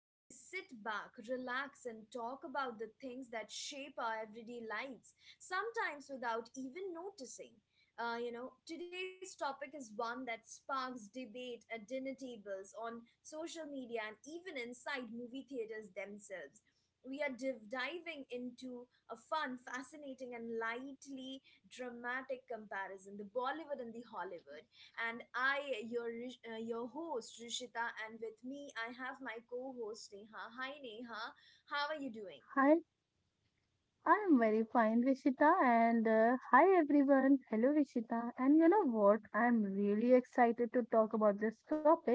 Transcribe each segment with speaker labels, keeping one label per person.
Speaker 1: where we sit back, relax, and talk about the things that shape our everyday lives, sometimes without even noticing. Today's topic is one that sparks debate at dinner tables, on social media, and even inside movie theaters themselves. We are diving into a fun, fascinating, and lightly dramatic comparison the Bollywood and the Hollywood, and I, your your host Rishita, and with me I have my co-host Neha. Hi Neha, how are you doing?
Speaker 2: Hi, I'm very fine, Rishita, and hi everyone. Hello, Rishita. And you know what? I'm really excited to talk about this topic.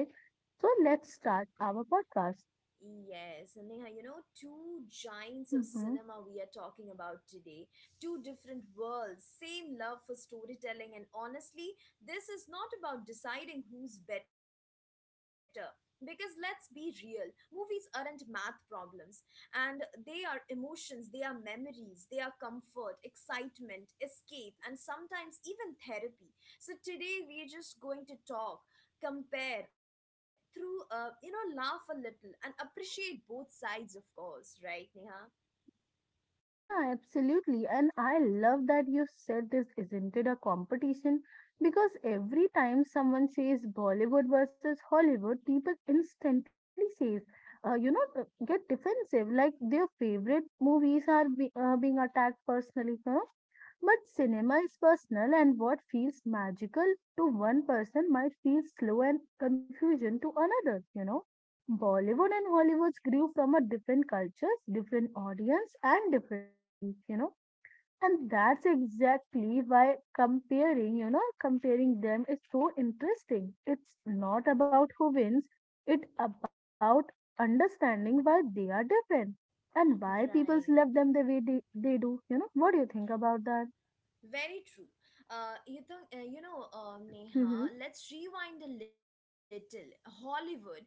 Speaker 2: So let's start our podcast.
Speaker 1: Yes, and Neha, you know, two giants of
Speaker 2: Hmm.
Speaker 1: cinema we are talking about today. Two different worlds, same love for storytelling, and honestly, this is not about deciding who's better. Because let's be real, movies aren't math problems, and they are emotions, they are memories, they are comfort, excitement, escape, and sometimes even therapy. So, today we're just going to talk compare through you know, laugh a little and appreciate both sides, of course, right Neha?
Speaker 2: Yeah, absolutely. And I love that you said this isn't it a competition because every time someone says Bollywood versus Hollywood, people instantly says, get defensive, like their favorite movies are being attacked personally. Huh? But cinema is personal, and what feels magical to one person might feel slow and confusion to another, you know. Bollywood and Hollywood grew from a different cultures, different audience, and different history, you know. And that's exactly why comparing them is so interesting. It's not about who wins, it's about understanding why they are different and why people love
Speaker 1: Right.
Speaker 2: them the way they do. You know, what do you think about that?
Speaker 1: Very true.
Speaker 2: Mhm.
Speaker 1: Neha, let's rewind a little. Hollywood, uh,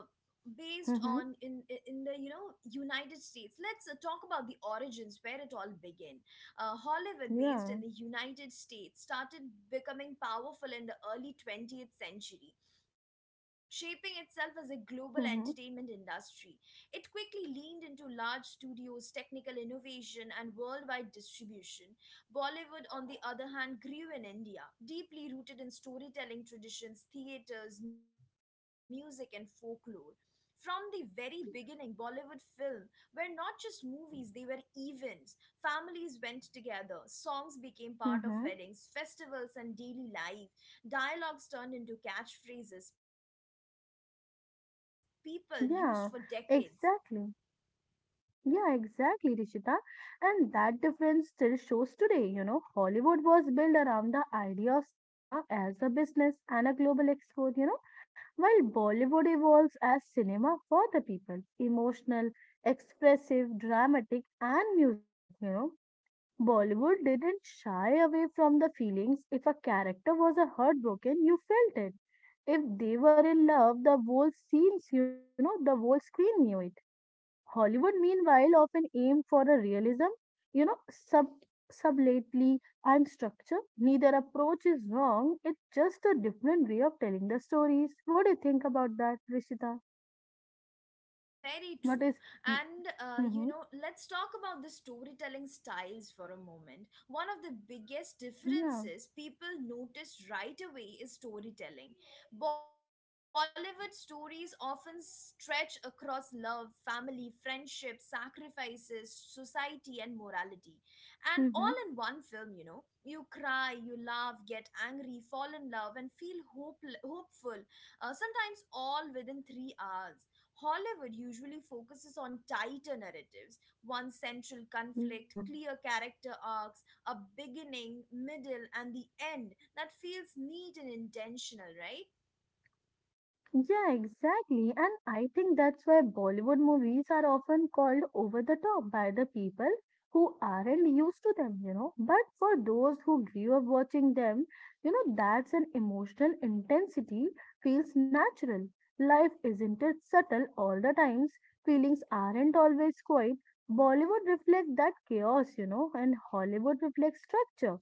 Speaker 1: based on
Speaker 2: Mhm.
Speaker 1: in the, you know, United States. Let's talk about the origins where it all began. Hollywood, based in the
Speaker 2: Yeah.
Speaker 1: United States, started becoming powerful in the early 20th century. Shaping itself as a global entertainment
Speaker 2: Mhm.
Speaker 1: industry, it quickly leaned into large studios, technical innovation, and worldwide distribution. Bollywood, on the other hand, grew in India, deeply rooted in storytelling traditions, theatres, music, and folklore. From the very beginning, Bollywood film were not just movies, they were events. Families went together, songs became part of
Speaker 2: Mhm.
Speaker 1: weddings, festivals, and daily life. Dialogues turned into catchphrases people used for decades.
Speaker 2: Yeah. Exactly. Yeah, exactly, Rishita. And that difference still shows today. You know, Hollywood was built around the idea of cinema as a business and a global export, you know, while Bollywood evolves as cinema for the people, emotional, expressive, dramatic, and musical, you know. Bollywood didn't shy away from the feelings. If a character was a heartbroken, you felt it. If they were in love, the whole scenes, you know, the whole screen knew it. Hollywood, meanwhile, often aimed for a realism, you know, sublately and structure. Neither approach is wrong. It's just a different way of telling the stories. What do you think about that, Rishita?
Speaker 1: Very
Speaker 2: What
Speaker 1: true.
Speaker 2: is?
Speaker 1: And, you
Speaker 2: Mm-hmm.
Speaker 1: know, let's talk about the storytelling styles for a moment. One of the biggest
Speaker 2: Yeah.
Speaker 1: differences people notice right away is storytelling. Bollywood stories often stretch across love, family, friendship, sacrifices, society, and morality. And all in
Speaker 2: Mm-hmm.
Speaker 1: one film, you know. You cry, you laugh, get angry, fall in love, and feel hopeful, sometimes all within 3 hours. Hollywood usually focuses on tighter narratives, one central conflict,
Speaker 2: Yeah.
Speaker 1: clear character arcs, a beginning, middle, and the end that feels neat and intentional, right?
Speaker 2: Yeah, exactly. And I think that's why Bollywood movies are often called over the top by the people who aren't used to them, you know. But for those who grew up watching them, you know, that's an emotional intensity feels natural. Life isn't it subtle all the times. Feelings aren't always quiet. Bollywood reflects that chaos, you know, and Hollywood reflects structure.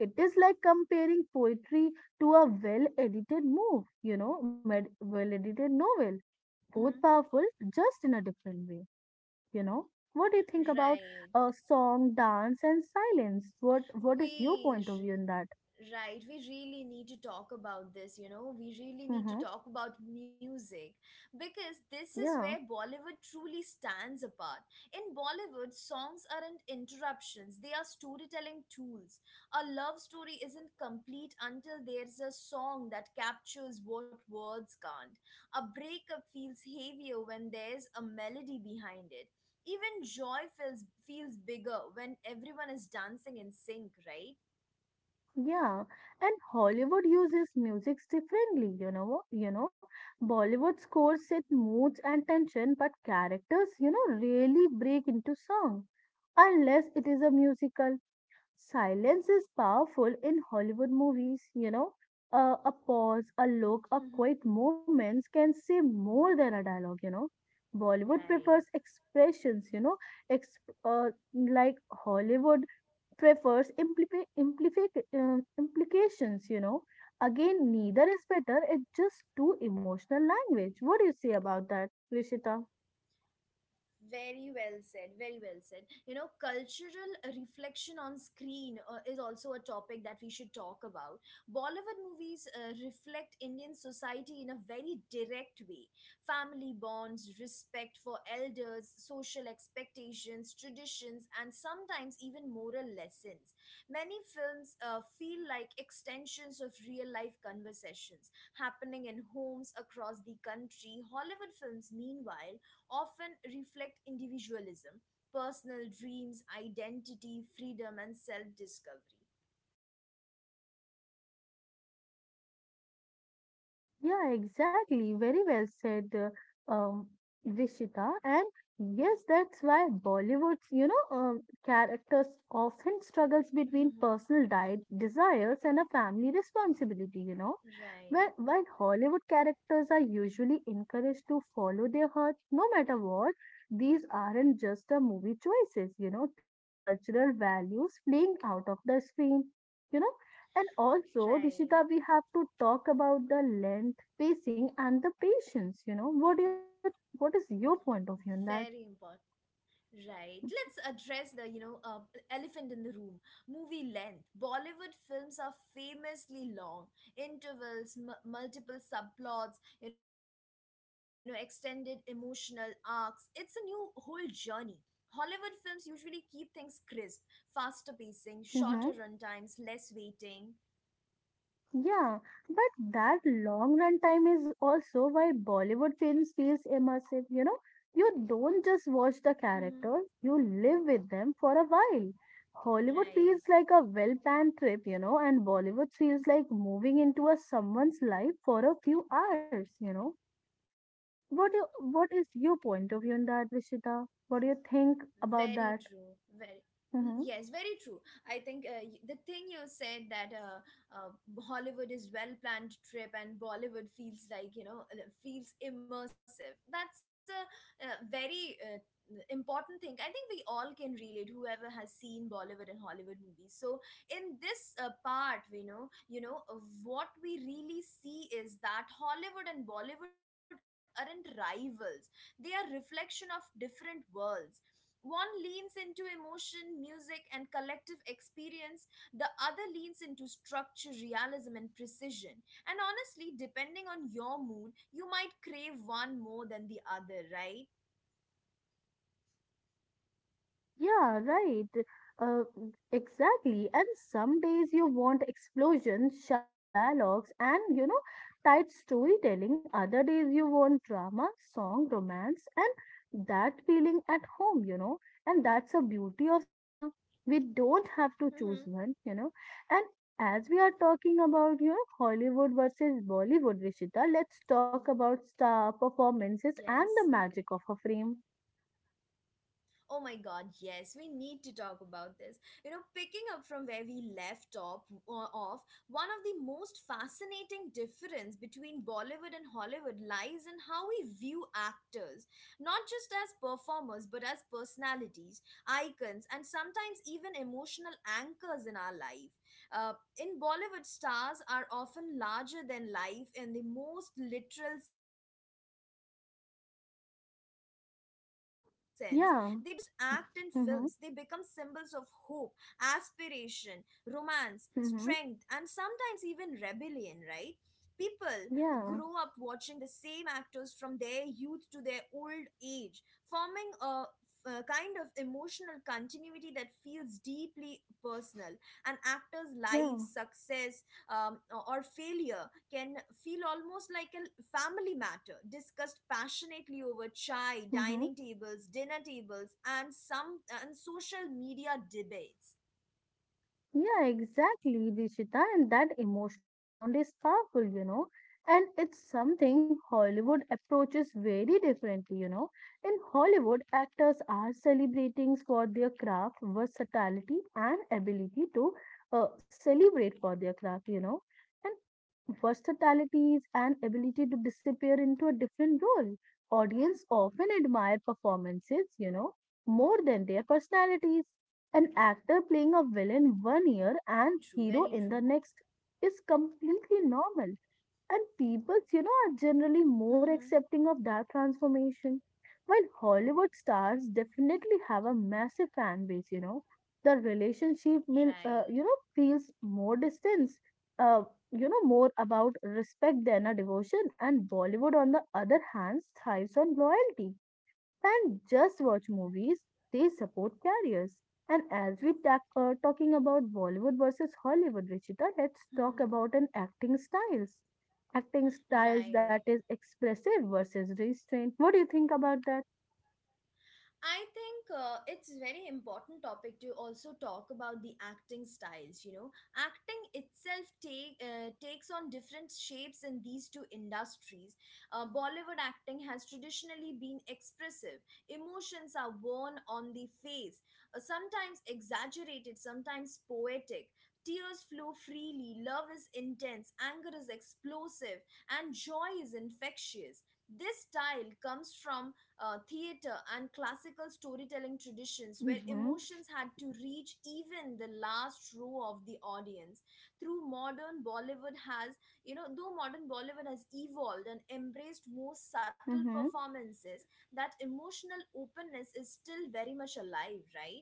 Speaker 2: It is like comparing poetry to a well edited move, well edited novel. Both
Speaker 1: Mm-hmm.
Speaker 2: powerful, just in a different way, you know. What do you think about
Speaker 1: Right.
Speaker 2: song, dance, and silence? What is your point of
Speaker 1: Weird.
Speaker 2: view on that?
Speaker 1: Right, we really need to talk about this, you know. We really need to
Speaker 2: Hmm.
Speaker 1: talk about music because this is
Speaker 2: Yeah,
Speaker 1: where Bollywood truly stands apart. In Bollywood, songs aren't interruptions, they are storytelling tools. A love story isn't complete until there's a song that captures what words can't. A breakup feels heavier when there's a melody behind it. Even joy feels bigger when everyone is dancing in sync, right?
Speaker 2: yeah. And Hollywood uses music differently, you know. You know, Bollywood scores set moods and tension, but characters, you know, really break into song unless it is a musical silence is powerful in Hollywood movies, you know. A pause, a look, a quiet moments can say more than a dialogue, you know. Bollywood
Speaker 1: Right.
Speaker 2: prefers expressions, you know, like Hollywood prefers implications, you know. Again, neither is better, it's just too emotional language. What do you say about that, Rishita?
Speaker 1: Very well said, very well said. You know, cultural reflection on screen is also a topic that we should talk about. Bollywood movies reflect Indian society in a very direct way: family bonds, respect for elders, social expectations, traditions, and sometimes even moral lessons. Many films feel like extensions of real life conversations happening in homes across the country. Hollywood films, meanwhile, often reflect individualism, personal dreams, identity, freedom, and self discovery.
Speaker 2: Yeah, exactly. Very well said, Rishita. And yes, that's why Bollywood's, you know, characters often struggles between
Speaker 1: Mhm.
Speaker 2: personal diet desires and a family responsibility, you know.
Speaker 1: Right,
Speaker 2: While Hollywood characters are usually encouraged to follow their heart no matter what, these aren't just a movie choices, you know, they are cultural values playing out of the screen. You know, and also,
Speaker 1: right.
Speaker 2: Rishita, we have to talk about the length, pacing, and the patience. You know, what is
Speaker 1: Very
Speaker 2: your point of
Speaker 1: important.
Speaker 2: view on that?
Speaker 1: Right. Let's address the, you know, elephant in the room. Movie length. Bollywood films are famously long. Intervals, multiple subplots, you know, extended emotional arcs. It's a new whole journey. Hollywood films usually keep things crisp, faster pacing, shorter
Speaker 2: Mm-hmm.
Speaker 1: runtimes, less waiting.
Speaker 2: Yeah, but that long run time is also why Bollywood films feels immersive, you know. You don't just watch the
Speaker 1: Hmm.
Speaker 2: characters, you live with them for a while. Hollywood feels
Speaker 1: Right.
Speaker 2: like a well-planned trip, you know, and Bollywood feels like moving into a someone's life for a few hours, you know. What is your point of view on that, Rishita? What do you think
Speaker 1: Very
Speaker 2: about that?
Speaker 1: true. Very Mm,
Speaker 2: Mm-hmm.
Speaker 1: yes, very true. I think the thing you said that Hollywood is well planned trip and Bollywood feels like, you know, feels immersive. That's a, very important thing. I think we all can relate. Whoever has seen Bollywood and Hollywood movies. So in this part, we know, what we really see is that Hollywood and Bollywood aren't rivals. They are reflection of different worlds. One leans into emotion, music, and collective experience, the other leans into structure, realism, and precision. And honestly, depending on your mood, you might crave one more than the other, right?
Speaker 2: Yeah, right. Uh, exactly. And some days you want explosions, sharp dialogues, and you know, tight storytelling. Other days you want drama, song, romance, and that feeling at home, you know. And that's a beauty of cinema. We don't have to choose one,
Speaker 1: Mm-hmm.
Speaker 2: you know. And as we are talking about, you know, Hollywood versus Bollywood, Rishita, let's talk about star
Speaker 1: Yes.
Speaker 2: performances and the magic of a frame.
Speaker 1: Oh my god, yes, we need to talk about this. You know, picking up from where we left off, uh, off one of the most fascinating difference between Bollywood and Hollywood lies in how we view actors, not just as performers but as personalities, icons, and sometimes even emotional anchors in our life. Uh, in Bollywood, stars are often larger than life in the most literal sense. They don't just act in films, they become symbols of
Speaker 2: Yeah.
Speaker 1: hope,
Speaker 2: Mm-hmm.
Speaker 1: aspiration, romance, strength, and sometimes even rebellion,
Speaker 2: Mm-hmm.
Speaker 1: right? People grow up watching the same actors
Speaker 2: Yeah,
Speaker 1: from their youth to their old age, forming a kind of emotional continuity that feels deeply personal. An actor's life, success,
Speaker 2: yeah.
Speaker 1: or failure can feel almost like a family matter, discussed passionately over chai, dining tables,
Speaker 2: Mm-hmm.
Speaker 1: dinner tables, and social media debates.
Speaker 2: Yeah, exactly, Dishita. And that emotional bond is powerful, you know. And it's something Hollywood approaches very differently, you know. In Hollywood, actors are celebrating for their craft, versatility, and ability to celebrate for their craft, you know. And versatilities and ability to disappear into a different role. Audience often admire performances, you know, more than their personalities. An actor playing a villain 1 year
Speaker 1: Very
Speaker 2: and
Speaker 1: true, very
Speaker 2: hero
Speaker 1: true.
Speaker 2: in the next is completely normal. And people, you know, are generally more
Speaker 1: Mhm.
Speaker 2: accepting of that transformation. While Hollywood stars definitely have a massive fan base, you know, the relationship will,
Speaker 1: Right.
Speaker 2: you know, feels more distance, uh, you know, more about respect than a devotion. And Bollywood, on the other hand, thrives on loyalty and just watch movies, they support careers. And as we talking about Bollywood versus Hollywood, Richita, let's talk
Speaker 1: Mhm.
Speaker 2: about an acting styles. Acting styles that
Speaker 1: Right.
Speaker 2: is expressive versus restrained. What do you think about that?
Speaker 1: I think it's very important topic to also talk about the acting styles. You know, acting itself takes on different shapes in these two industries. Bollywood acting has traditionally been expressive. Emotions are worn on the face, sometimes exaggerated, sometimes poetic. Tears flow freely, love is intense, anger is explosive, and joy is infectious. This style comes from theater and classical storytelling traditions where
Speaker 2: Mm-hmm.
Speaker 1: emotions had to reach even the last row of the audience. Through modern bollywood has you know Though modern Bollywood has evolved and embraced more subtle performances, that emotional openness is still very much alive, right?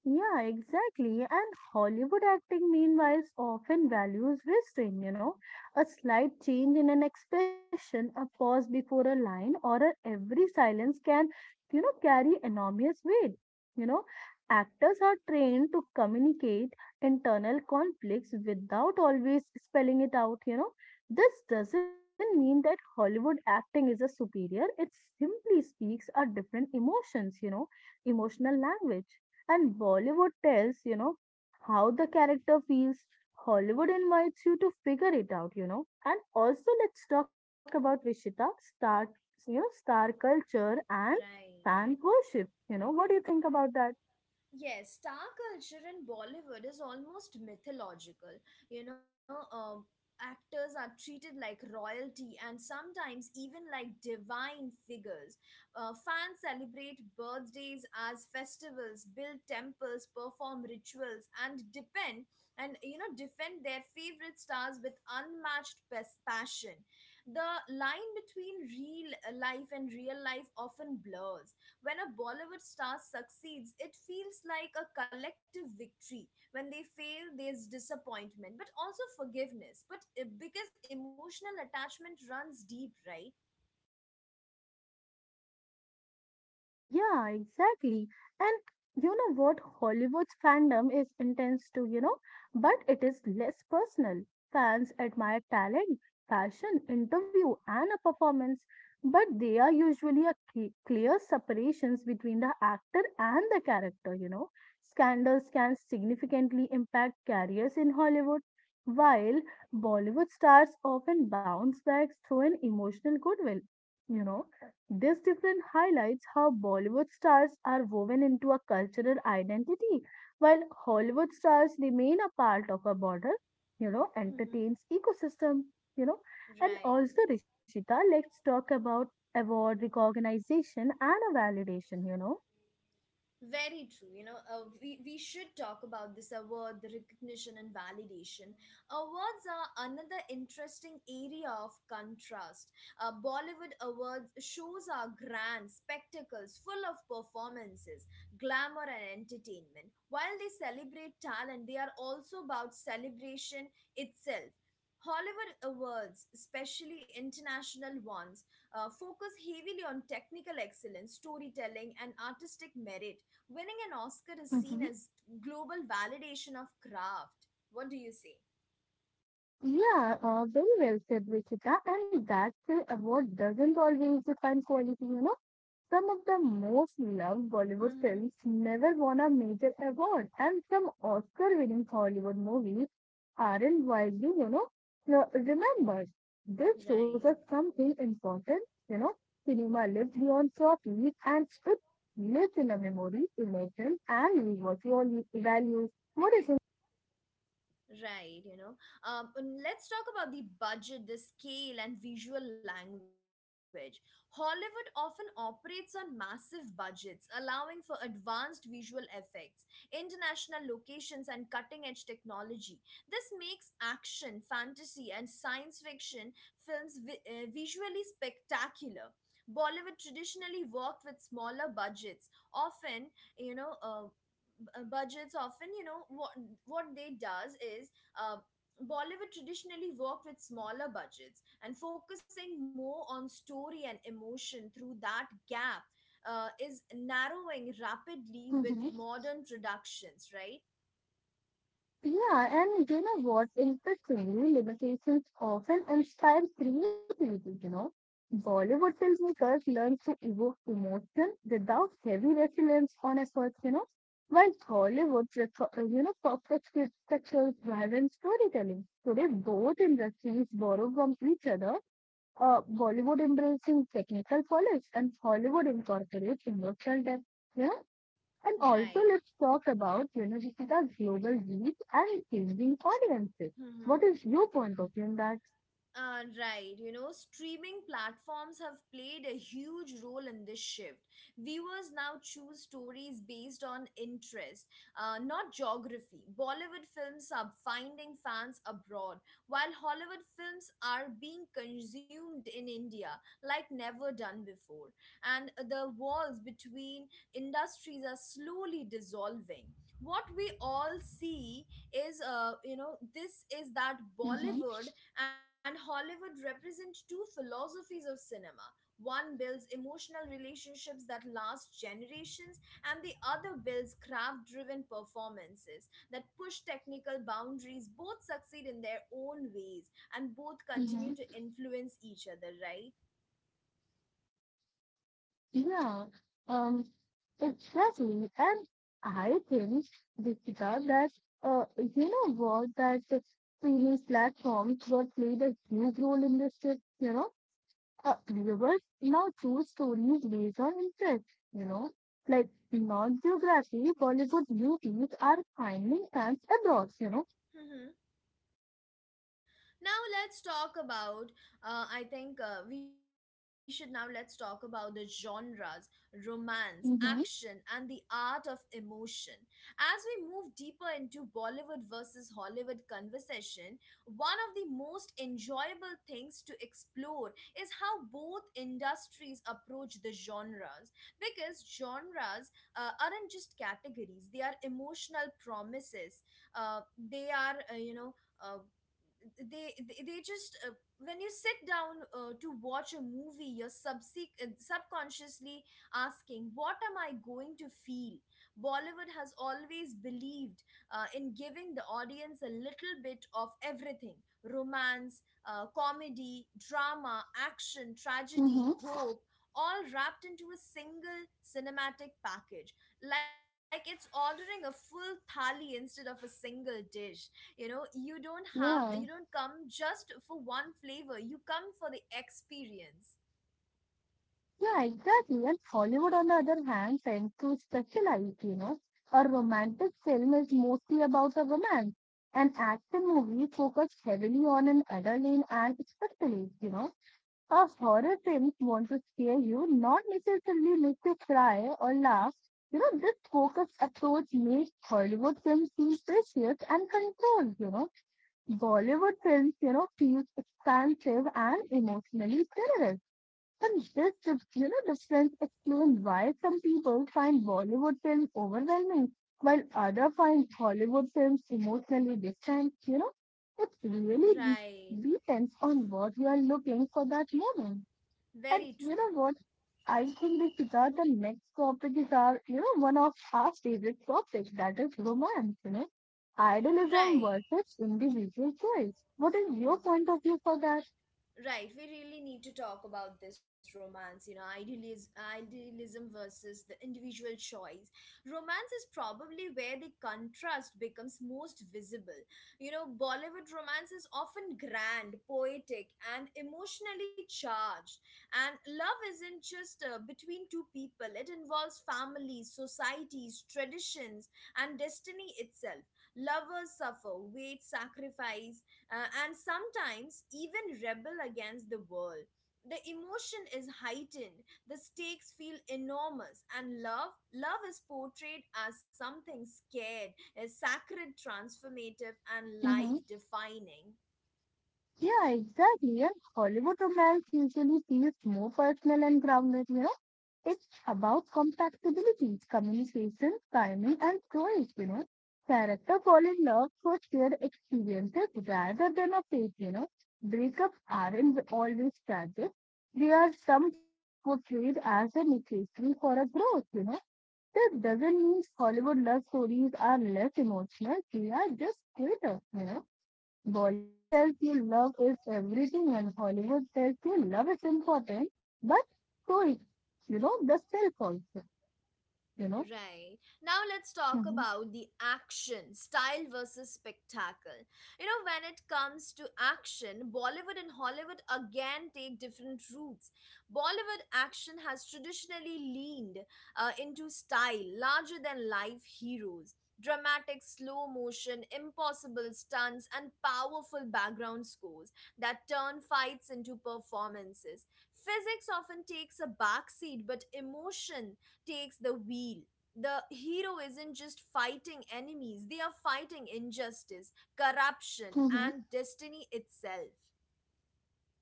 Speaker 2: Yeah, exactly. And Hollywood acting, meanwhile, often values restraint, you know, a slight change in an expression, a pause before a line, or a every silence can, you know, carry enormous weight. You know, actors are trained to communicate internal conflicts without always spelling it out, you know. This doesn't mean that Hollywood acting is a superior, it simply speaks a different emotions, you know, emotional language. And Bollywood tells, you know, how the character feels. Hollywood invites you to figure it out, you know. And also, let's talk about Rishita, star culture and
Speaker 1: Right.
Speaker 2: fan worship. You know, what do you think about that?
Speaker 1: Yes, star culture in Bollywood is almost mythological. You know, actors are treated like royalty and sometimes even like divine figures. Fans celebrate birthdays as festivals, build temples, perform rituals, and depend and you know defend their favorite stars with unmatched passion. The line between real life and real life often blurs. When a Bollywood star succeeds, it feels like a collective victory. When they fail, there's disappointment, but also forgiveness. But because emotional attachment runs deep, right?
Speaker 2: Yeah, exactly. And you know what? Hollywood's fandom is intense too, you know, but it is less personal. Fans admire talent, fashion, interview, and a performance, but there are usually a clear separations between the actor and the character, you know. Scandals can significantly impact careers in Hollywood, while Bollywood stars often bounce back through an emotional goodwill, you know. This difference highlights how Bollywood stars are woven into a cultural identity, while Hollywood stars remain a part of a broader, you know,
Speaker 1: Hmm.
Speaker 2: entertains ecosystem, you know. And also,
Speaker 1: Right.
Speaker 2: Rishita, let's talk about award recognition and a validation, you know.
Speaker 1: Very true. You know, we should talk about this award, the recognition and validation. Awards are another interesting area of contrast. Bollywood awards shows are grand spectacles full of performances, glamour, and entertainment. While they celebrate talent, they are also about celebration itself. Hollywood awards, especially international ones, focus heavily on technical excellence, storytelling, and artistic merit. Winning an Oscar is seen as global validation of craft. What do you say?
Speaker 2: And quality, you know, some of the most Bollywood films ever won major awards or aren't widely, you know, remembered. This Some
Speaker 1: Right.
Speaker 2: something important, you know. Cinema lived beyond trophies and it lived in a memory, emotion, and visual values. What do
Speaker 1: Right, you know. And let's talk about the budget, the scale, and visual language. Hollywood often operates on massive budgets, allowing for advanced visual effects, international locations, and cutting edge technology. This makes action, fantasy, and science fiction films visually spectacular. Bollywood traditionally worked with smaller budgets, often, you know, budgets often you know what they does is uh, Bollywood traditionally worked with smaller budgets and focusing more on story and emotion through that gap, is narrowing rapidly
Speaker 2: you
Speaker 1: with
Speaker 2: think?
Speaker 1: modern productions, right?
Speaker 2: Yeah, and you know what? Interestingly, limitations often inspire creativity, you know. Bollywood filmmakers learn to evoke emotion without heavy reliance on effort, you know, while Hollywood, you know, perfectly structures driven storytelling. Today, both industries borrow from each other, Bollywood embracing technical polish and Hollywood incorporates emotional depth. You know, and also,
Speaker 1: Right.
Speaker 2: let's talk about Universita's global reach and changing audiences.
Speaker 1: Hmm.
Speaker 2: What is your point of view on that?
Speaker 1: Right, you know, streaming platforms have played a huge role in this shift. Viewers now choose stories based on interest, not geography. Bollywood films are finding fans abroad, while Hollywood films are being consumed in India like never done before. And the walls between industries are slowly dissolving. What we all see is, you know, this is that
Speaker 2: Mm-hmm.
Speaker 1: Bollywood and Hollywood represents two philosophies of cinema. One builds emotional relationships that last generations, and the other builds craft driven performances that push technical boundaries. Both succeed in their own ways, and both
Speaker 2: Mm-hmm.
Speaker 1: continue to influence each other, right?
Speaker 2: Yeah, um, exactly. And I think, Dikshita, that you know what, that streaming platforms what played a huge role in this shift, you know, viewers now choose stories based on interest, you know, like non-geography, Bollywood beauties are finding fans abroad, you know.
Speaker 1: Now let's talk about, I think we should now let's talk about the genres, romance, action, and
Speaker 2: Mm-hmm.
Speaker 1: the art of emotion. As we move deeper into Bollywood versus Hollywood conversation, one of the most enjoyable things to explore is how both industries approach the genres, because genres aren't just categories, they are emotional promises. Uh, they are you know uh, they just When you sit down to watch a movie, you're subconsciously asking, what am I going to feel? Bollywood has always believed in giving the audience a little bit of everything: romance, comedy, drama, action, tragedy,
Speaker 2: Mm-hmm.
Speaker 1: hope, all wrapped into a single cinematic package, like it's ordering a full thali instead of a single dish. You know, you don't
Speaker 2: Yeah.
Speaker 1: come just for one flavor, you come for the experience.
Speaker 2: Yeah, exactly. And Hollywood, on the other hand, tends to specialize, you know. A romantic film is mostly about a romance. An action movie focused heavily on an adrenaline and especially, you know. A horror film want to scare you, not necessarily make you cry or laugh. You know, this focused approach makes Hollywood films feel precious and controlled, you know Bollywood films, you know, feels expansive and emotionally generous. And this, you know, difference explains why some people find Bollywood films overwhelming, while others find Hollywood films emotionally distant. You know, it really
Speaker 1: Right.
Speaker 2: depends on what you are looking for that moment. And
Speaker 1: Very
Speaker 2: you
Speaker 1: true.
Speaker 2: know what? I think the guitar, the next topic is our, you know, one of our favorite topics, that is romance, you know. Idealism
Speaker 1: Right.
Speaker 2: versus individual choice. What is your point of view for that?
Speaker 1: Right, we really need to talk about this romance, you know, idealism versus the individual choice. Romance is probably where the contrast becomes most visible. You know, Bollywood romance is often grand, poetic, and emotionally charged. And love isn't just between two people, it involves families, societies, traditions, and destiny itself. Lovers suffer, wait, sacrifice, and sometimes even rebel against the world. The emotion is heightened, the stakes feel enormous, and love is portrayed as something scared, is sacred, transformative, and life
Speaker 2: Hmm.
Speaker 1: defining.
Speaker 2: Yeah, exactly. And Hollywood romance usually feels more personal and grounded, you know. It's about compatibility, communication, timing, and choice, you know. Character fall in love for shared experiences rather than a fate, you know. Breakups aren't always tragic. They are sometimes portrayed as a necessary for a growth, you know. That doesn't mean Hollywood love stories are less emotional. They are just greater, you know. Bollywood tells you love is everything and Hollywood tells you love is important, but so is, you know, the self also, you know.
Speaker 1: Right. Now let's talk about
Speaker 2: Hmm.
Speaker 1: the action, style versus spectacle. You know, when it comes to action, Bollywood and Hollywood again take different routes. Bollywood action has traditionally leaned into style, larger than life heroes. Dramatic slow motion, impossible stunts, and powerful background scores that turn fights into performances. Physics often takes a backseat, but emotion takes the wheel. The hero isn't just fighting enemies, they are fighting injustice, corruption,
Speaker 2: Hmm.
Speaker 1: and destiny itself.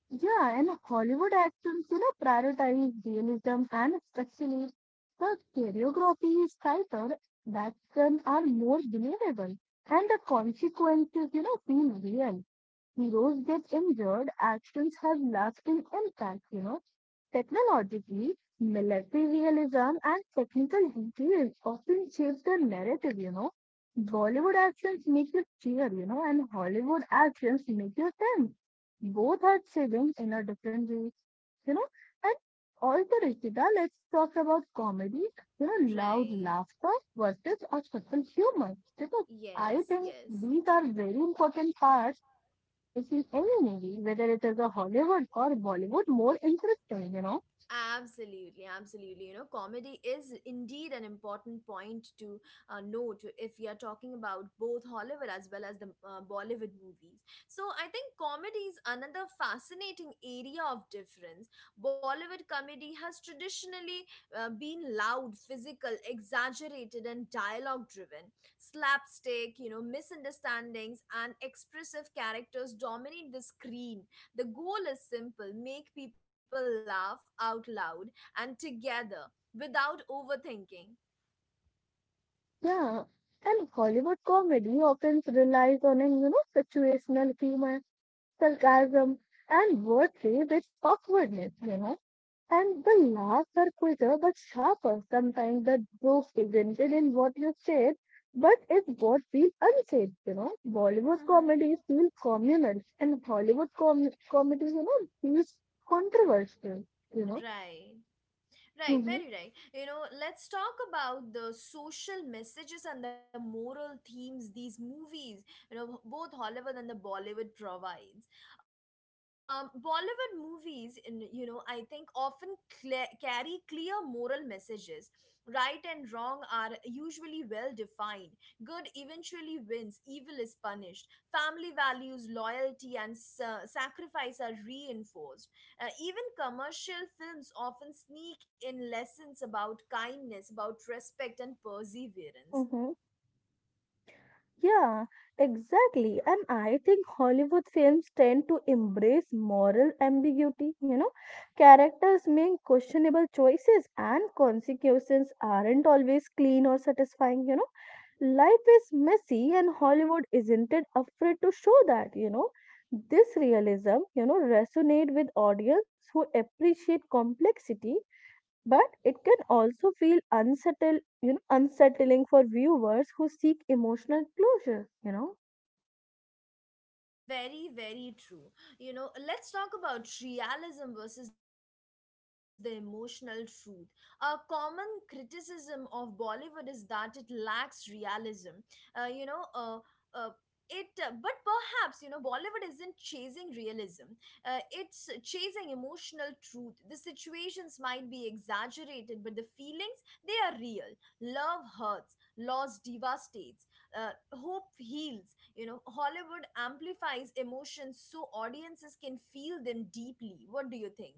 Speaker 2: Yeah, and Hollywood actions, you know, prioritize realism and especially the choreography is tighter, the action are more believable, and the consequences, you know, feel real. Heroes get injured, actions have lasting impact, you know. Technologically, military realism and technical details often shape the narrative. Bollywood actions make you cheer, and Hollywood actions make you tense. Both are thrilling in a different way, you know. And also, Rishita, let's talk about comedy, loud
Speaker 1: Right.
Speaker 2: laughter versus a subtle humor. I
Speaker 1: Yes,
Speaker 2: think
Speaker 1: yes.
Speaker 2: these are very important parts of making any movie, whether it is a Hollywood or Bollywood, more interesting.
Speaker 1: Absolutely, absolutely. You know, comedy is indeed an important point to note if we are talking about both Hollywood as well as the Bollywood movies. So, I think comedy is another fascinating area of difference. Bollywood comedy has traditionally been loud, physical, exaggerated, and dialogue driven. Slapstick, you know, misunderstandings, and expressive characters dominate the screen. The goal is simple, make people laugh out loud and together without overthinking.
Speaker 2: Yeah, and Hollywood comedy often relies on a situational humor, sarcasm, and wordplay with awkwardness. And the laughs are quicker but sharper. Sometimes the joke isn't in what you said, but it's what feels unsaid. Bollywood comedy feels communal, and Hollywood comedy, feels controversial, you know.
Speaker 1: Right. Right,
Speaker 2: Mm-hmm.
Speaker 1: very right. You know, let's talk about the social messages and the moral themes these movies, you know, both Hollywood and the Bollywood provides. Bollywood movies, in, you know, I think often cle carry clear moral messages. Right and wrong are usually well defined. Good eventually wins, evil is punished. Family values, loyalty, and sacrifice are reinforced. Uh, even commercial films often sneak in lessons about kindness, about respect, and perseverance.
Speaker 2: Yeah, exactly. And I think Hollywood films tend to embrace moral ambiguity. Characters make questionable choices, and consequences aren't always clean or satisfying. Life is messy, and Hollywood isn't it afraid to show that. This realism, resonate with audience who appreciate complexity but it can also feel unsettled, you know, unsettling for viewers who seek emotional closure.
Speaker 1: Very, very true. You know, let's talk about realism versus the emotional truth. A common criticism of Bollywood is that it lacks realism. Uh, you know, uh, uh, but perhaps, you know, Bollywood isn't chasing realism, it's chasing emotional truth. The situations might be exaggerated, but the feelings, they are real. Love hurts, loss devastates, hope heals. You know, Hollywood amplifies emotions so audiences can feel them deeply. What do you think?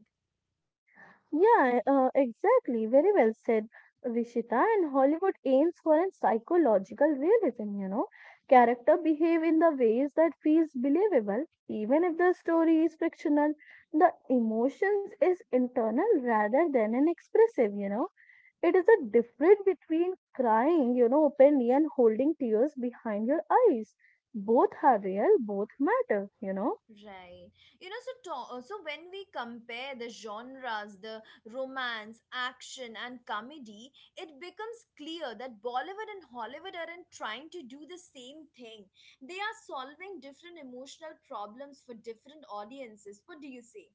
Speaker 2: Yeah, exactly. Very well said, Rishita. And Hollywood aims for a psychological realism. Character behave in the ways that feels believable, even if the story is fictional. The emotions is internal rather than an expressive. It is a difference between crying, you know, openly and holding tears behind your eyes. Both are real, both matter.
Speaker 1: Right. You know, so so when we compare the genres, the romance, action, and comedy, it becomes clear that Bollywood and Hollywood aren't trying to do the same thing. They are solving different emotional problems for different audiences. What do you say?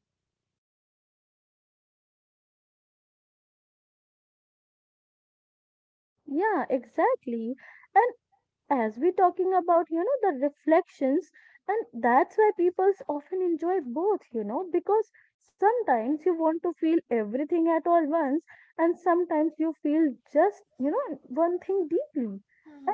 Speaker 2: Yeah, exactly. And as we're talking about the reflections, and that's why people often enjoy both because sometimes you want to feel everything at all once, and sometimes you feel just one thing deeply.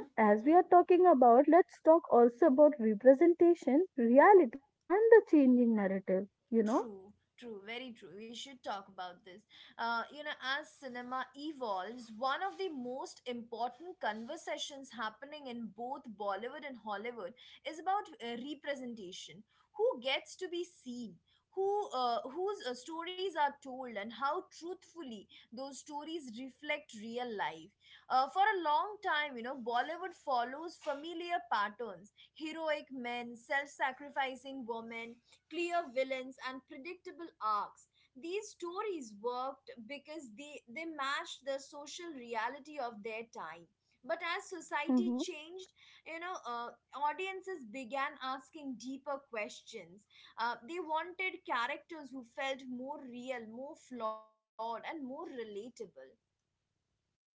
Speaker 2: And as we are talking about, let's talk also about representation, reality, and the changing narrative.
Speaker 1: True, true, very true. We should talk about this. You know, as cinema evolves, one of the most important conversations happening in both Bollywood and Hollywood is about representation. Who gets to be seen? Whose stories are told, and how truthfully those stories reflect real life. For a long time, you know, Bollywood follows familiar patterns, heroic men, self sacrificing women, clear villains and predictable arcs. These stories worked because they matched the social reality of their time. But as society
Speaker 2: Mm-hmm.
Speaker 1: changed, you know, audiences began asking deeper questions. They wanted characters who felt more real, more flawed, and more relatable.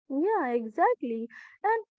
Speaker 2: Yeah, exactly.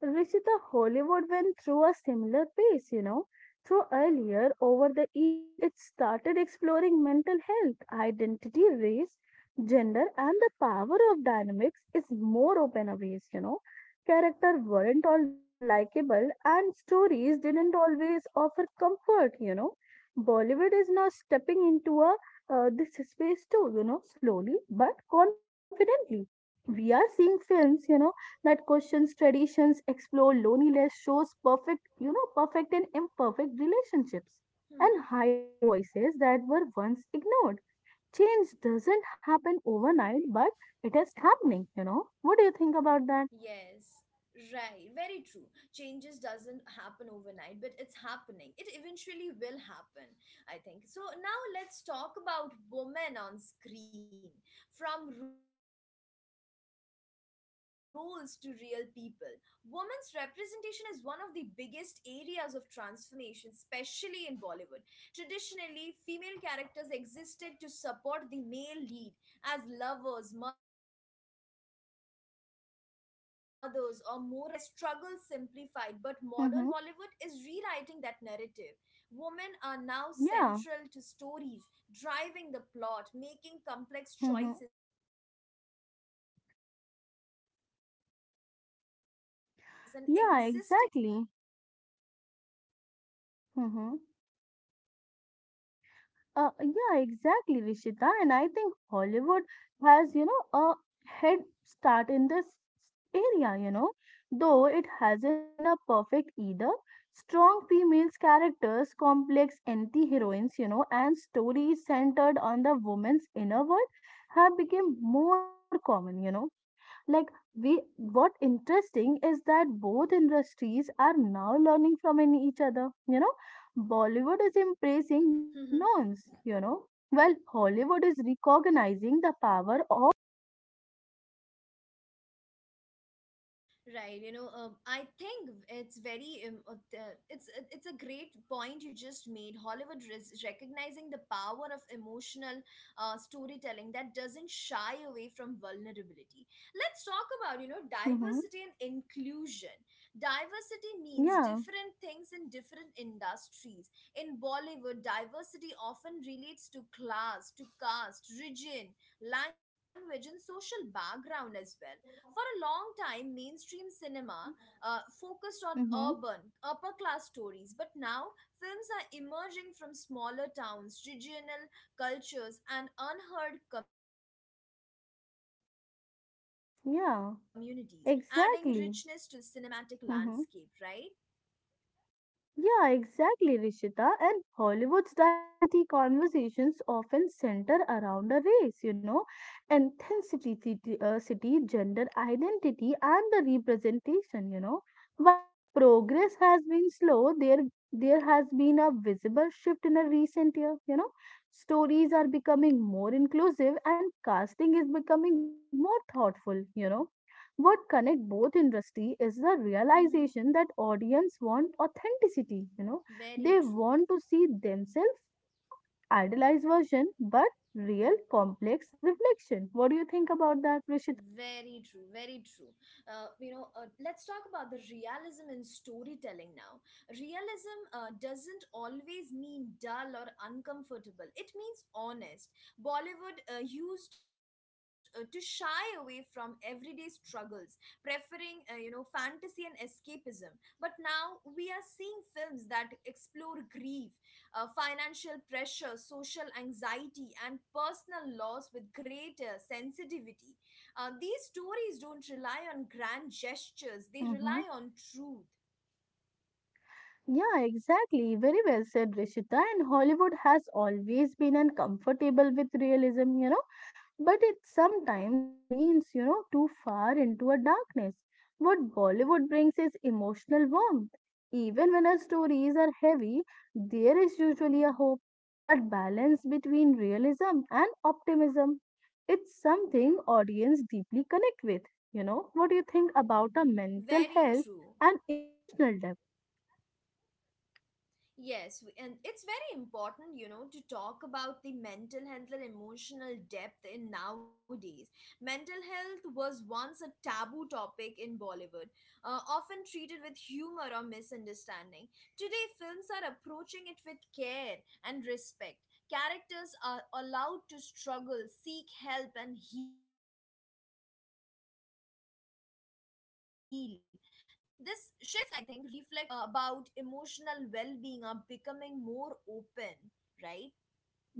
Speaker 2: And Rishita, Hollywood went through a similar pace. So earlier, over the years, it started exploring mental health, identity, race, gender, and the power of dynamics is more open a ways. Characters weren't always likable and stories didn't always offer comfort. Bollywood is now stepping into a this space too, you know, slowly but confidently.
Speaker 1: Right.
Speaker 2: We are seeing films, you know, that questions traditions, explore loneliness, shows perfect and imperfect relationships, and highlight voices that were once ignored. Change doesn't happen overnight, but it is happening. What do you think about that?
Speaker 1: Yes, right. Very true. Changes doesn't happen overnight, but it's happening. It eventually will happen, I think. So now let's talk about women on screen, from roles to real people. Women's representation is one of the biggest areas of transformation, especially in Bollywood. Traditionally, female characters existed to support the male lead as lovers, mothers, or moral guides. Their dreams were often secondary, their struggles simplified, but modern Bollywood
Speaker 2: Mm-hmm.
Speaker 1: is rewriting that narrative. Women are now
Speaker 2: Yeah.
Speaker 1: central to stories, driving the plot, making complex
Speaker 2: Hmm.
Speaker 1: choices, and existing beyond romance, right?
Speaker 2: Yeah, exactly. Hmm. Yeah, exactly, Rishita. And I think Hollywood has, you know, a head start in this area. Though it hasn't been a perfect either, strong female characters, complex anti-heroines, you know, and stories centered on the woman's inner world have become more common. Like, we what interesting is that both industries are now learning from in each other you know Bollywood is embracing norms you know well, Hollywood is recognizing the power of.
Speaker 1: Right. You know, I think it's very it's a great point you just made. Hollywood is recognizing the power of emotional storytelling that doesn't shy away from vulnerability. Let's talk about, you know,
Speaker 2: Hmm.
Speaker 1: diversity and inclusion. Diversity means
Speaker 2: Yeah.
Speaker 1: different things in different industries. In Bollywood, diversity often relates to class, to caste, region, language, and social background as well. For a long time, mainstream cinema focused on
Speaker 2: Hmm.
Speaker 1: urban, upper class stories, but now films are emerging from smaller towns, regional cultures, and unheard communities, adding richness to the cinematic
Speaker 2: Yeah,
Speaker 1: landscape, right?
Speaker 2: exactly. Hmm. Yeah, exactly, Rishita. And Hollywood's diversity conversations often center around a race, you know, intensity, city, gender identity, and the representation. While progress has been slow, there has been a visible shift in a recent year. Stories are becoming more inclusive and casting is becoming more thoughtful. What connect both industry is the
Speaker 1: Hmm.
Speaker 2: realization that audience want authenticity. They
Speaker 1: Very true.
Speaker 2: want to see themselves not idealized version but real complex reflection. What do you think about that,
Speaker 1: Very
Speaker 2: Rishita?
Speaker 1: true, very true. Let's talk about the realism in storytelling now. Realism doesn't always mean dull or uncomfortable, it means honest. Bollywood used to shy away from everyday struggles, preferring, you know, fantasy and escapism. But now we are seeing films that explore grief, financial pressure, social anxiety, and personal loss with greater sensitivity. These stories don't rely on grand gestures, they rely on truth.
Speaker 2: Yeah, exactly. Very well said, Rishita. And Hollywood has always been uncomfortable with realism, you know, but it sometimes leans, you know, too far into a darkness. What Bollywood brings is emotional warmth. Even when our stories are heavy, there is usually a hope that balance between realism and optimism. It's something audience deeply connect with. What do you think about a mental
Speaker 1: Very
Speaker 2: health
Speaker 1: true.
Speaker 2: and emotional development?
Speaker 1: Yes, and it's very important, you know, to talk about the mental health and emotional depth in nowadays. Mental health was once a taboo topic in Bollywood, often treated with humor or misunderstanding. Today, films are approaching it with care and respect. Characters are allowed to struggle, seek help, and heal. This shift, I think, reflects a broader societal change where conversations of about emotional well-being are becoming more open, right?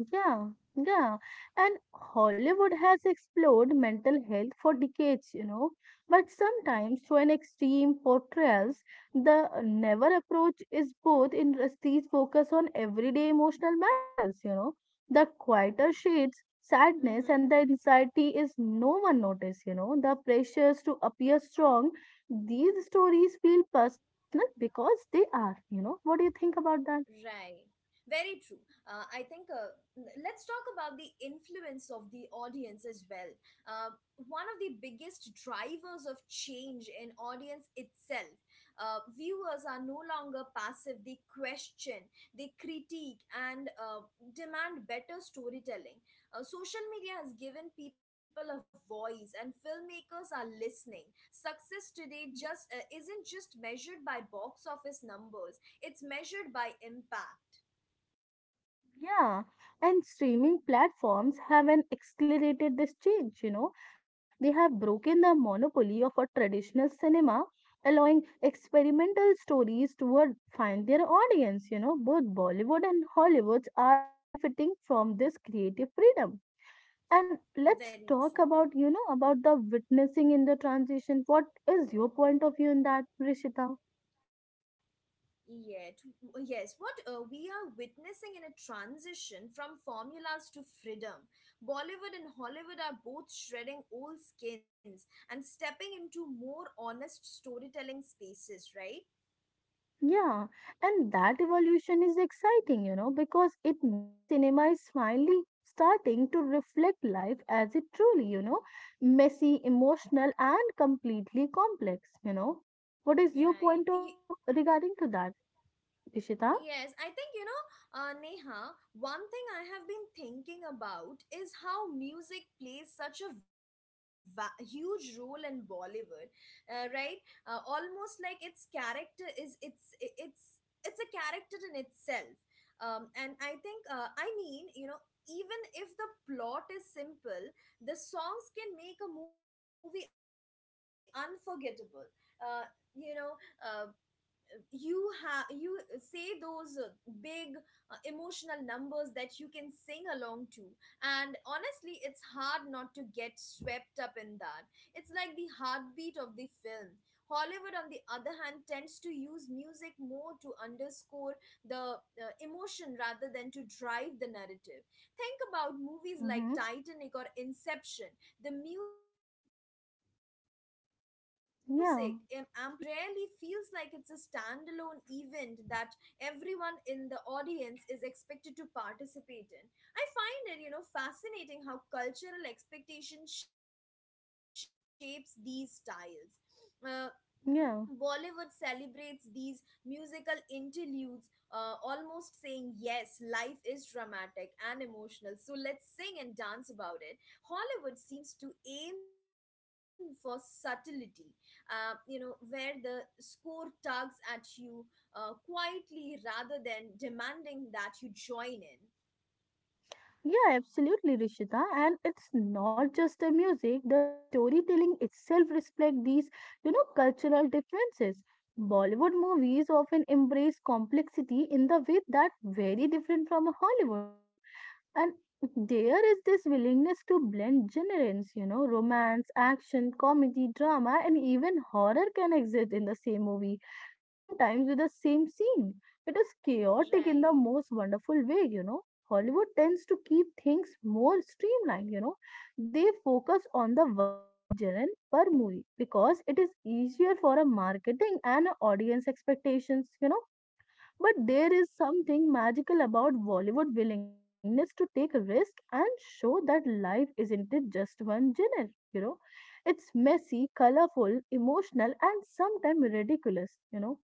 Speaker 2: Yeah, yeah. And Hollywood has explored mental health for decades, you know, but sometimes to an extreme portrayals, the never approach is both industries focus on everyday emotional matters. The quieter shades, sadness and the
Speaker 1: Mm-hmm.
Speaker 2: anxiety is no one notice. The pressures to appear strong, these stories feel personal because they are. What do you think about that?
Speaker 1: Right. Very true. Uh, I think uh, let's talk about the influence of the audience as well. Uh, One of the biggest drivers of change in audience itself. Viewers are no longer passive. They question, they critique, and demand better storytelling. Social media has given people a voice and filmmakers are listening. Success today just isn't just measured by box office numbers, it's measured by impact.
Speaker 2: Yeah, and streaming platforms have an accelerated this change. They have broken the monopoly of a traditional cinema, allowing experimental stories to find their audience. Both Bollywood and Hollywood are benefiting from this creative freedom. And let's
Speaker 1: Very
Speaker 2: talk
Speaker 1: true.
Speaker 2: about the witnessing in the transition. What is your point of view in that, Rishita?
Speaker 1: Yet, yes, what we are witnessing in a transition from formulas to freedom. Bollywood and Hollywood are both shredding old skins and stepping into more honest storytelling spaces, right?
Speaker 2: Yeah, and that evolution is exciting, you know, because it means cinema is finally starting to reflect life as it truly, you know, messy, emotional, and completely complex. What is
Speaker 1: Right.
Speaker 2: your point of view regarding to that, Ishita?
Speaker 1: Yes, I think, you know, Neha, one thing I have been thinking about is how music plays such a huge role in Bollywood, right? Almost like its character is it's I- it's a character in itself. And I think I mean, you know, even if the plot is simple, the songs can make a movie unforgettable. Uh, you know, uh, you have you say those big emotional numbers that you can sing along to, and honestly it's hard not to get swept up in that. It's like the heartbeat of the film. Hollywood, on the other hand, tends to use music more to underscore the emotion rather than to drive the narrative. Think about movies like Titanic or
Speaker 2: Mm-hmm.
Speaker 1: Inception. The music amplifies the tension, the romance, the thrill,
Speaker 2: Yeah,
Speaker 1: but it rarely feels like it's a standalone event that everyone in the audience is expected to participate in. I find it, you know, fascinating how cultural expectation shapes these styles. Uh, Bollywood
Speaker 2: yeah.
Speaker 1: celebrates these musical interludes, almost saying, "Yes, life is dramatic and emotional, so let's sing and dance about it." Hollywood seems to aim for subtlety, you know, where the score tugs at you quietly rather than demanding that you join in.
Speaker 2: Yeah, absolutely, Rishita. And it's not just the music, the storytelling itself reflect these, you know, cultural differences. Bollywood movies often embrace complexity in the way that very different from Hollywood. And there is this willingness to blend genres, you know, romance, action, comedy, drama, and even horror can exist in the same movie, sometimes with the same scene. It is chaotic in the
Speaker 1: Right.
Speaker 2: most wonderful way. Hollywood tends to keep things more streamlined. They focus on the one core genre per movie because it is easier for a marketing and a audience expectations. But there is something magical about Bollywood willingness to take a risk and show that life isn't it just one genre. It's messy, colorful, emotional, and sometimes ridiculous,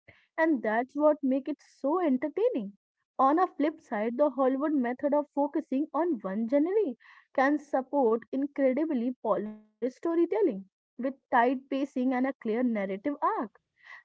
Speaker 2: and that's what make it so entertaining. On a flip side, the Hollywood method of focusing on one genre can support incredibly polished storytelling with tight pacing and a clear narrative arc.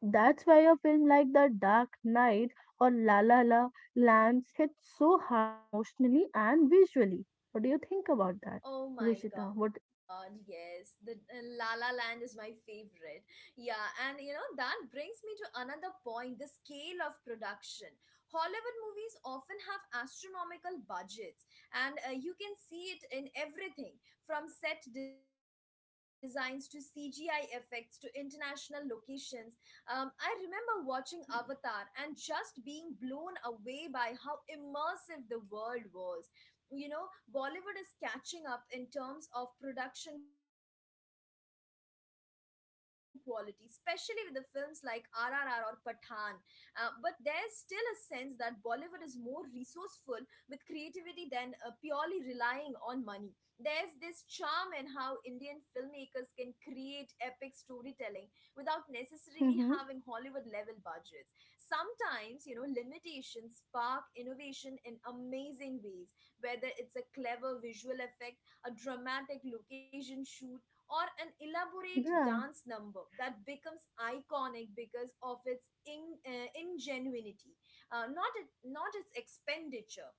Speaker 2: That's why a film like The Dark Knight or La La Lands hits so hard emotionally and visually. What do you think about that,
Speaker 1: Oh my
Speaker 2: Rishita?
Speaker 1: God,
Speaker 2: What?
Speaker 1: yes. The La La Land is my favorite. Yeah, and you know, that brings me to another point, the scale of production. Hollywood movies often have astronomical budgets, and you can see it in everything from set designs to CGI effects to international locations. I remember watching Avatar and just being blown away by how immersive the world was. You know, Bollywood is catching up in terms of production quality, especially with the films like RRR or Pathan, but there's still a sense that Bollywood is more resourceful with creativity than purely relying on money. There's this charm in how Indian filmmakers can create epic storytelling without necessarily having Hollywood
Speaker 2: Hmm.
Speaker 1: level budgets. Sometimes, you know, limitations spark innovation in amazing ways, whether it's a clever visual effect, a dramatic location shoot, or an elaborate
Speaker 2: Yeah.
Speaker 1: dance number that becomes iconic because of its ingenuity, not its expenditure.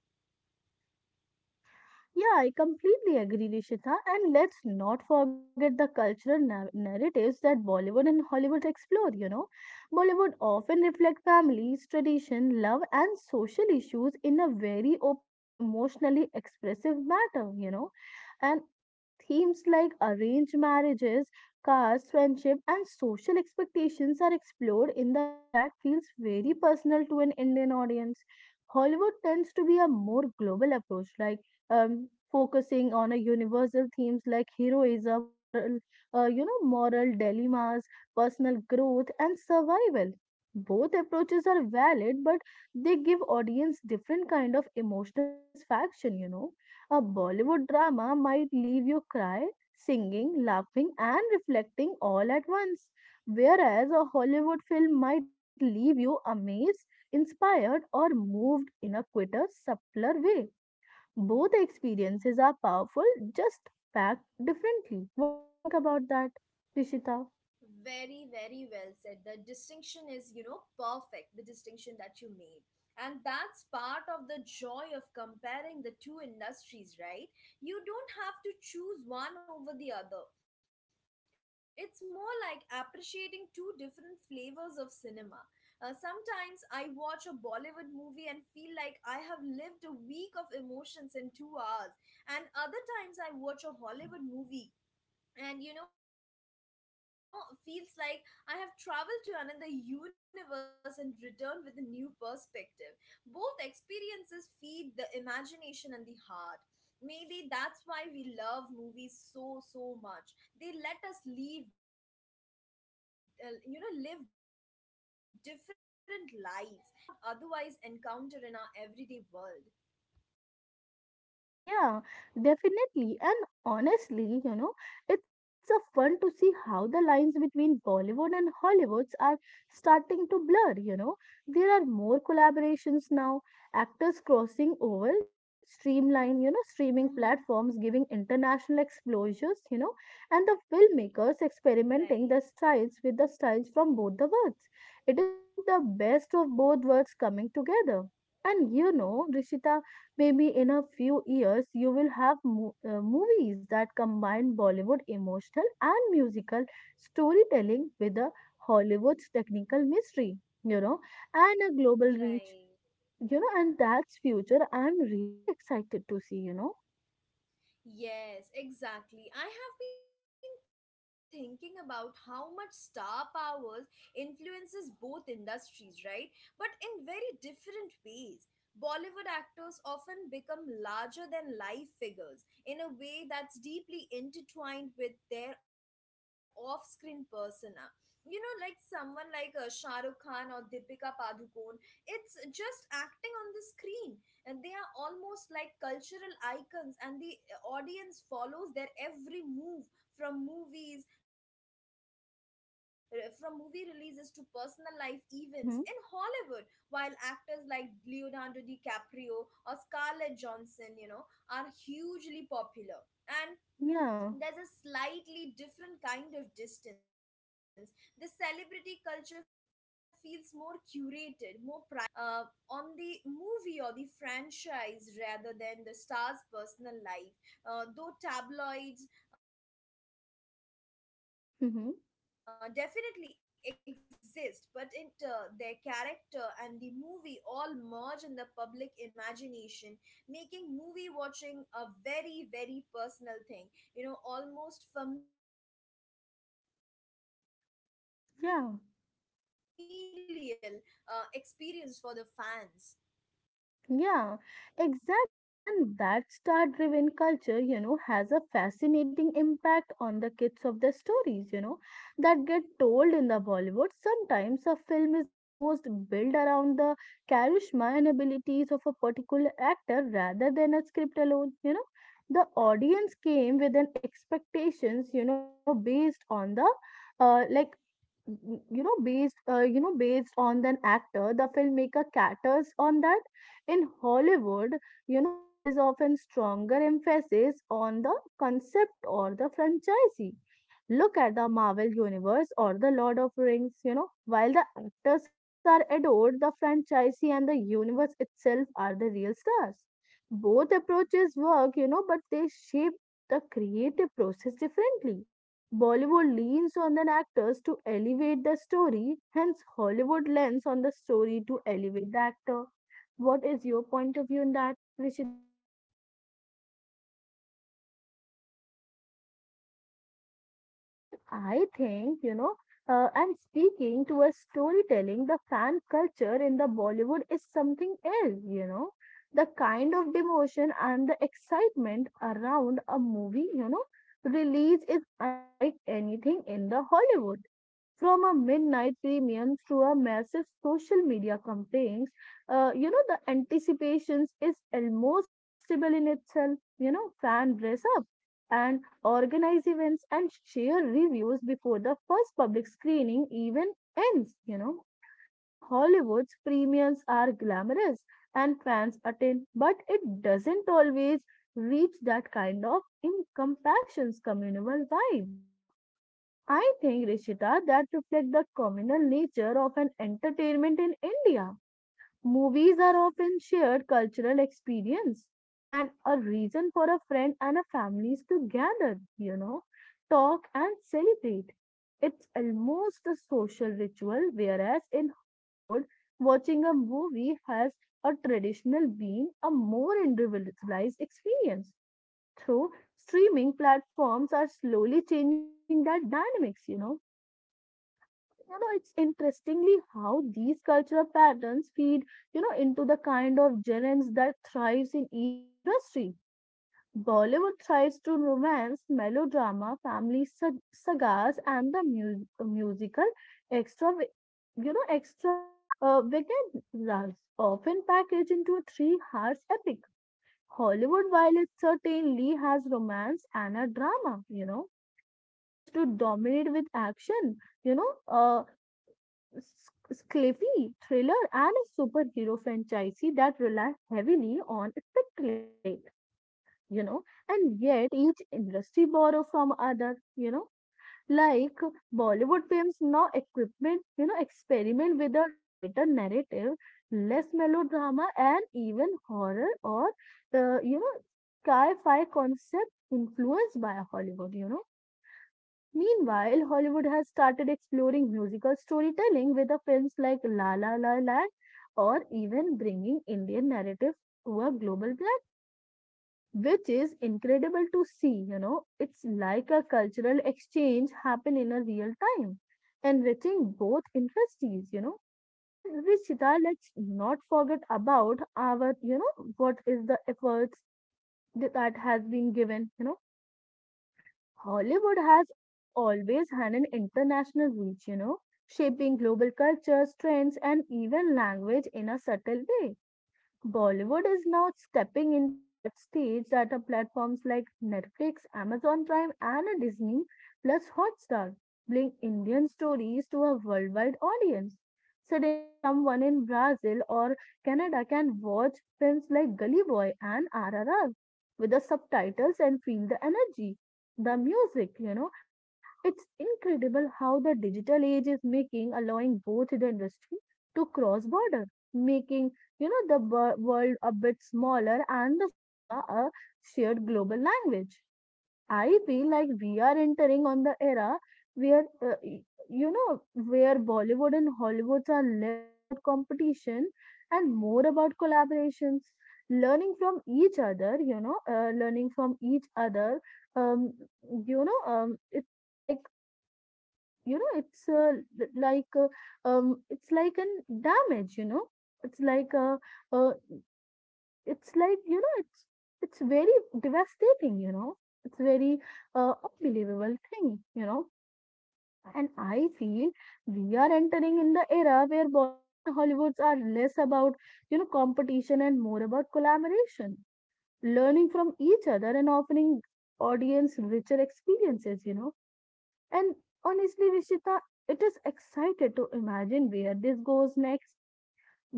Speaker 2: Yeah, I completely agree, Rishita. And let's not forget the cultural narratives that Bollywood and Hollywood explore. Bollywood often reflect families, tradition, love, and social issues in a very open and emotionally expressive manner. And themes like arranged marriages, caste, friendship, and social expectations are explored in the way that feels very personal to an Indian audience. Hollywood tends to be a more global approach, like focusing on a universal themes like heroism, moral dilemmas, personal growth, and survival. Both approaches are valid, but they give audience different kind of emotional satisfaction. A Bollywood drama might leave you cry, singing, laughing, and reflecting all at once, whereas a Hollywood film might leave you amazed, inspired, or moved in a quicker, subtler way. Both experiences are powerful, just packed differently. What do you think about that, Rishita?
Speaker 1: Very, very well said. The distinction is, you know, perfect, the distinction that you made. And that's part of the joy of comparing the two industries, right? You don't have to choose one over the other. It's more like appreciating two different flavors of cinema. Sometimes I watch a Bollywood movie and feel like I have lived a week of emotions in 2 hours, and other times I watch a Hollywood movie and, you know, feels like I have traveled to another universe and returned with a new perspective. Both experiences feed the imagination and the heart. Maybe that's why we love movies so much. They let us live, you know, live different lives, experience different cultures, and feel things we might not otherwise encounter in our everyday world.
Speaker 2: Yeah, definitely. And honestly, you know, it's a fun to see how the lines between Bollywood and Hollywoods are starting to blur. There are more collaborations now, actors crossing over, streaming platforms giving international exposures,
Speaker 1: Hmm.
Speaker 2: you know, and the filmmakers experimenting the
Speaker 1: Right.
Speaker 2: styles with the styles from both the worlds. It is like the best of both worlds coming together. And Rishita, maybe in a few years, you will have movies that combine Bollywood emotional and musical storytelling with a Hollywood's technical mystery, you know, and a global reach, you know, and
Speaker 1: Right.
Speaker 2: that's future I'm really excited to see.
Speaker 1: Yes, exactly. I have been thinking about how much star powers influences both industries, right? But in very different ways. Bollywood actors often become larger than life figures in a way that's deeply intertwined with their off-screen persona. You know, like someone like Shah Rukh Khan or Deepika Padukone, it's just acting on the screen, and they are almost like cultural icons, and they audience follows their every move from movies, from movie releases to personal life events. In Hollywood, while actors like
Speaker 2: Mm-hmm.
Speaker 1: Leonardo DiCaprio or Scarlett Johansson, you know, are hugely popular, and there's a slightly different kind of
Speaker 2: Yeah.
Speaker 1: distance. The celebrity culture feels more curated, more private in some ways, and the focus is more often on the movie or the franchise rather than the star's personal life. Though tabloids definitely exist, but in India,
Speaker 2: Mm-hmm.
Speaker 1: there's this unique blend where the actor, their character, and the movie all merge in the public imagination, making movie watching a very, very personal thing, you know, almost familial experience for the fans.
Speaker 2: Yeah. Yeah, exactly. And that star driven culture, you know, has a fascinating impact on the kids of the stories, you know, that get told in the Bollywood. Sometimes a film is almost built around the charisma and abilities of a particular actor rather than a script alone, you know. The audience came with an expectations, you know, based on the like based you know based on an actor, the filmmaker caters on that. In Hollywood, you know, there is often stronger emphasis on the concept or the franchisee. Look at the Marvel universe or the Lord of Rings, you know. While the actors are adored, the franchisee and the universe itself are the real stars. Both approaches work, you know, but they shape the creative process differently. Bollywood leans on the actors to elevate the story, hence, Hollywood lends on the story to elevate the actor. What is your point of view in that, Rishita? And I think, you know, and speaking to a storytelling, the fan culture in the Bollywood is something else, you know. The kind of devotion and the excitement around a movie, you know, release is unlike anything in the Hollywood. From a midnight premiums to a massive social media campaigns, you know, the anticipations is almost a festival in itself, you know. Fan dress up and organize events and share reviews before the first public screening even ends, you know. In Hollywood's premiums are glamorous and fans attend, but it doesn't always reach that kind of incompassions communal vibe, you know. I think, Rishita, that reflects the communal nature of an entertainment in India. Movies are often shared cultural experience and a reason for a friend and a families to gather, talk and celebrate. It's almost a social ritual, whereas in Hollywood, watching a movie has a traditional been a more individualized experience. Through streaming platforms are slowly changing that dynamics. It's interestingly how these cultural patterns feed into the kind of genres that thrives in each industry. Bollywood thrives to romance melodrama family sagas and the musical extra, extra, vagabonds often packaged into a three hearts epic. Hollywood, while it certainly has romance and a drama, you know, tends to dominate with action, you know uh, sci-fi, thriller, and a superhero franchise that relies heavily on spectacle, you know, and yet each industry borrows from other, you know, like Bollywood films now equipment, you know, experiment with a tighter narrative, less melodrama, and even horror or, uh, you know, sci-fi concept influenced by Hollywood, you know. Meanwhile, Hollywood has started exploring musical storytelling with the films like La La La Land or even bringing Indian narrative to a global platform, which is incredible to see. You know, it's like a cultural exchange happen in a real time, enriching both industries, you know. And Rishita, let's not forget about our, you know, what is the efforts that has been given, you know. Hollywood has always had an international reach, you know, shaping global cultures, trends, and even language in a subtle way. Bollywood is now stepping into that stage that are platforms like Netflix, Amazon Prime, and a Disney plus Hotstar bring Indian stories to a worldwide audience. Suddenly, someone in Brazil or Canada can watch films like Gully Boy and RRR with the subtitles and feel the energy, the music. You know, it's incredible how the digital age is making allowing both the industry to cross border, making, the world a bit smaller and the cinema a shared global language. I feel like we are entering on the era where, where Bollywood and Hollywood are less about competition and more about collaborations, learning from each other, learning from each other. Um, you know, it's like, you know, it's l- like, It's like an damage, you know, it's like a it's like you know it's very devastating, you know. It's very unbelievable thing, you know. And I feel we are entering in the era where Bollywood and Hollywoods are less about, you know, competition and more about collaboration, learning from each other and offering audience richer experiences, you know. And honestly, Vishita, it is excited to imagine where this goes next.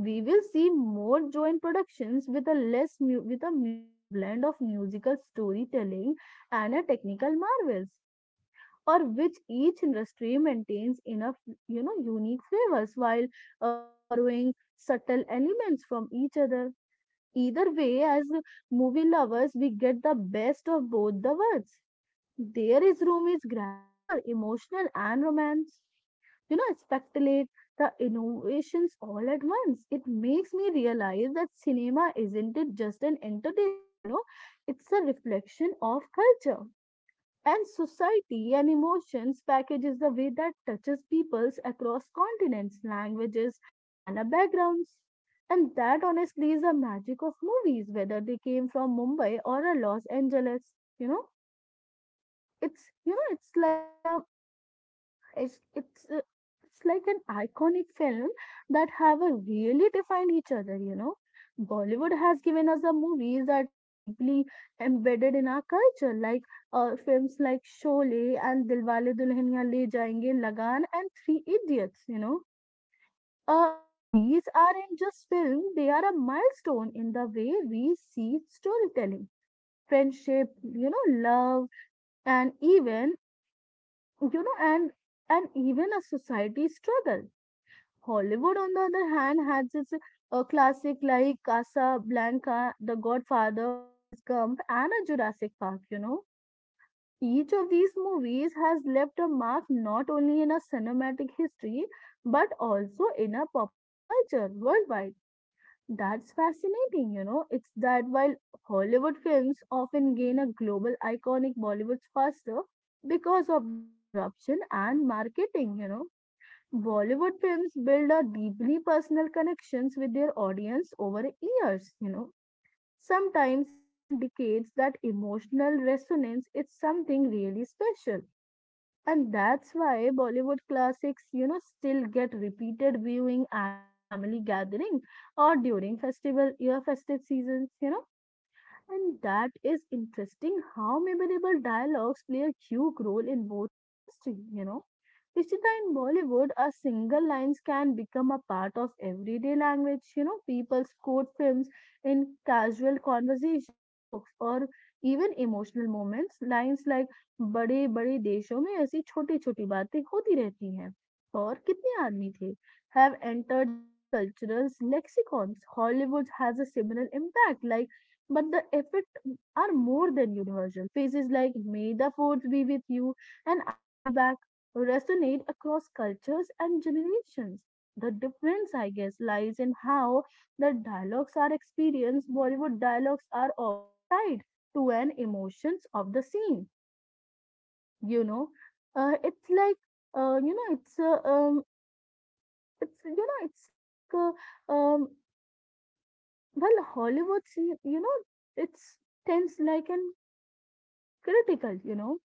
Speaker 2: We will see more joint productions with a less mu- with a mu- blend of musical storytelling and a technical marvels, or which each industry maintains enough, you know, unique flavors while, borrowing subtle elements from each other. Either way, as movie lovers, we get the best of both the worlds. There is room is grandeur, emotional, and romance. You know, speculate the innovations all at once. It makes me realize that cinema isn't it just an entertainment, you know, it's a reflection of culture and society and emotions packages the way that touches peoples across continents, languages, and backgrounds. And that honestly is the magic of movies, whether they came from Mumbai or Los Angeles, you know you know it's it's uh, it's like an iconic film that have a really defined each other, you know. Bollywood has given us the movies that are deeply embedded in our culture, like, films like Sholay and Dilwale Dulhaniya Le Jayenge, lagan and Three Idiots, you know. uh, these aren't just films, they are a milestone in the way we see storytelling, friendship, you know, love, and even, you know, and and even a society struggle. Hollywood, on the other hand, has its classic like Casablanca, The Godfather, Forrest Gump, and a Jurassic Park. You know, each of these movies has left a mark not only in a cinematic history but also in a popular culture worldwide. That's fascinating, you know. It's that while Hollywood films often gain a global iconic Bollywood faster because of the disruption and marketing, you know. Bollywood films build a deeply personal connections with their audience over years, you know. Sometimes even decades that emotional resonance is something really special. And that's why Bollywood classics, you know, still get repeated viewing at the family gathering or during festival, your festive seasons, you know. And that is interesting how memorable dialogues play a huge role in both industry, you know. Ishita, in Bollywood, a single lines can become a part of everyday language. You know, people quote films in casual conversation, jokes, or even emotional moments. Lines like बड़े बड़े देशों में ऐसी छोटी छोटी बातें होती रहती हैं और कितने आदमी थे have entered our cultural lexicons. Hollywood has a similar impact, like, but the effect are more than universal. Phrases like "May the force be with you" and "I'll be back" resonate across cultures and generations. The difference, I guess, lies in how the dialogues are experienced. Bollywood dialogues are often tied to an emotions of the scene. You know, it's like you know, it's you know, it's like Well, Hollywood, scene, you know, it's tense like an critical, you know.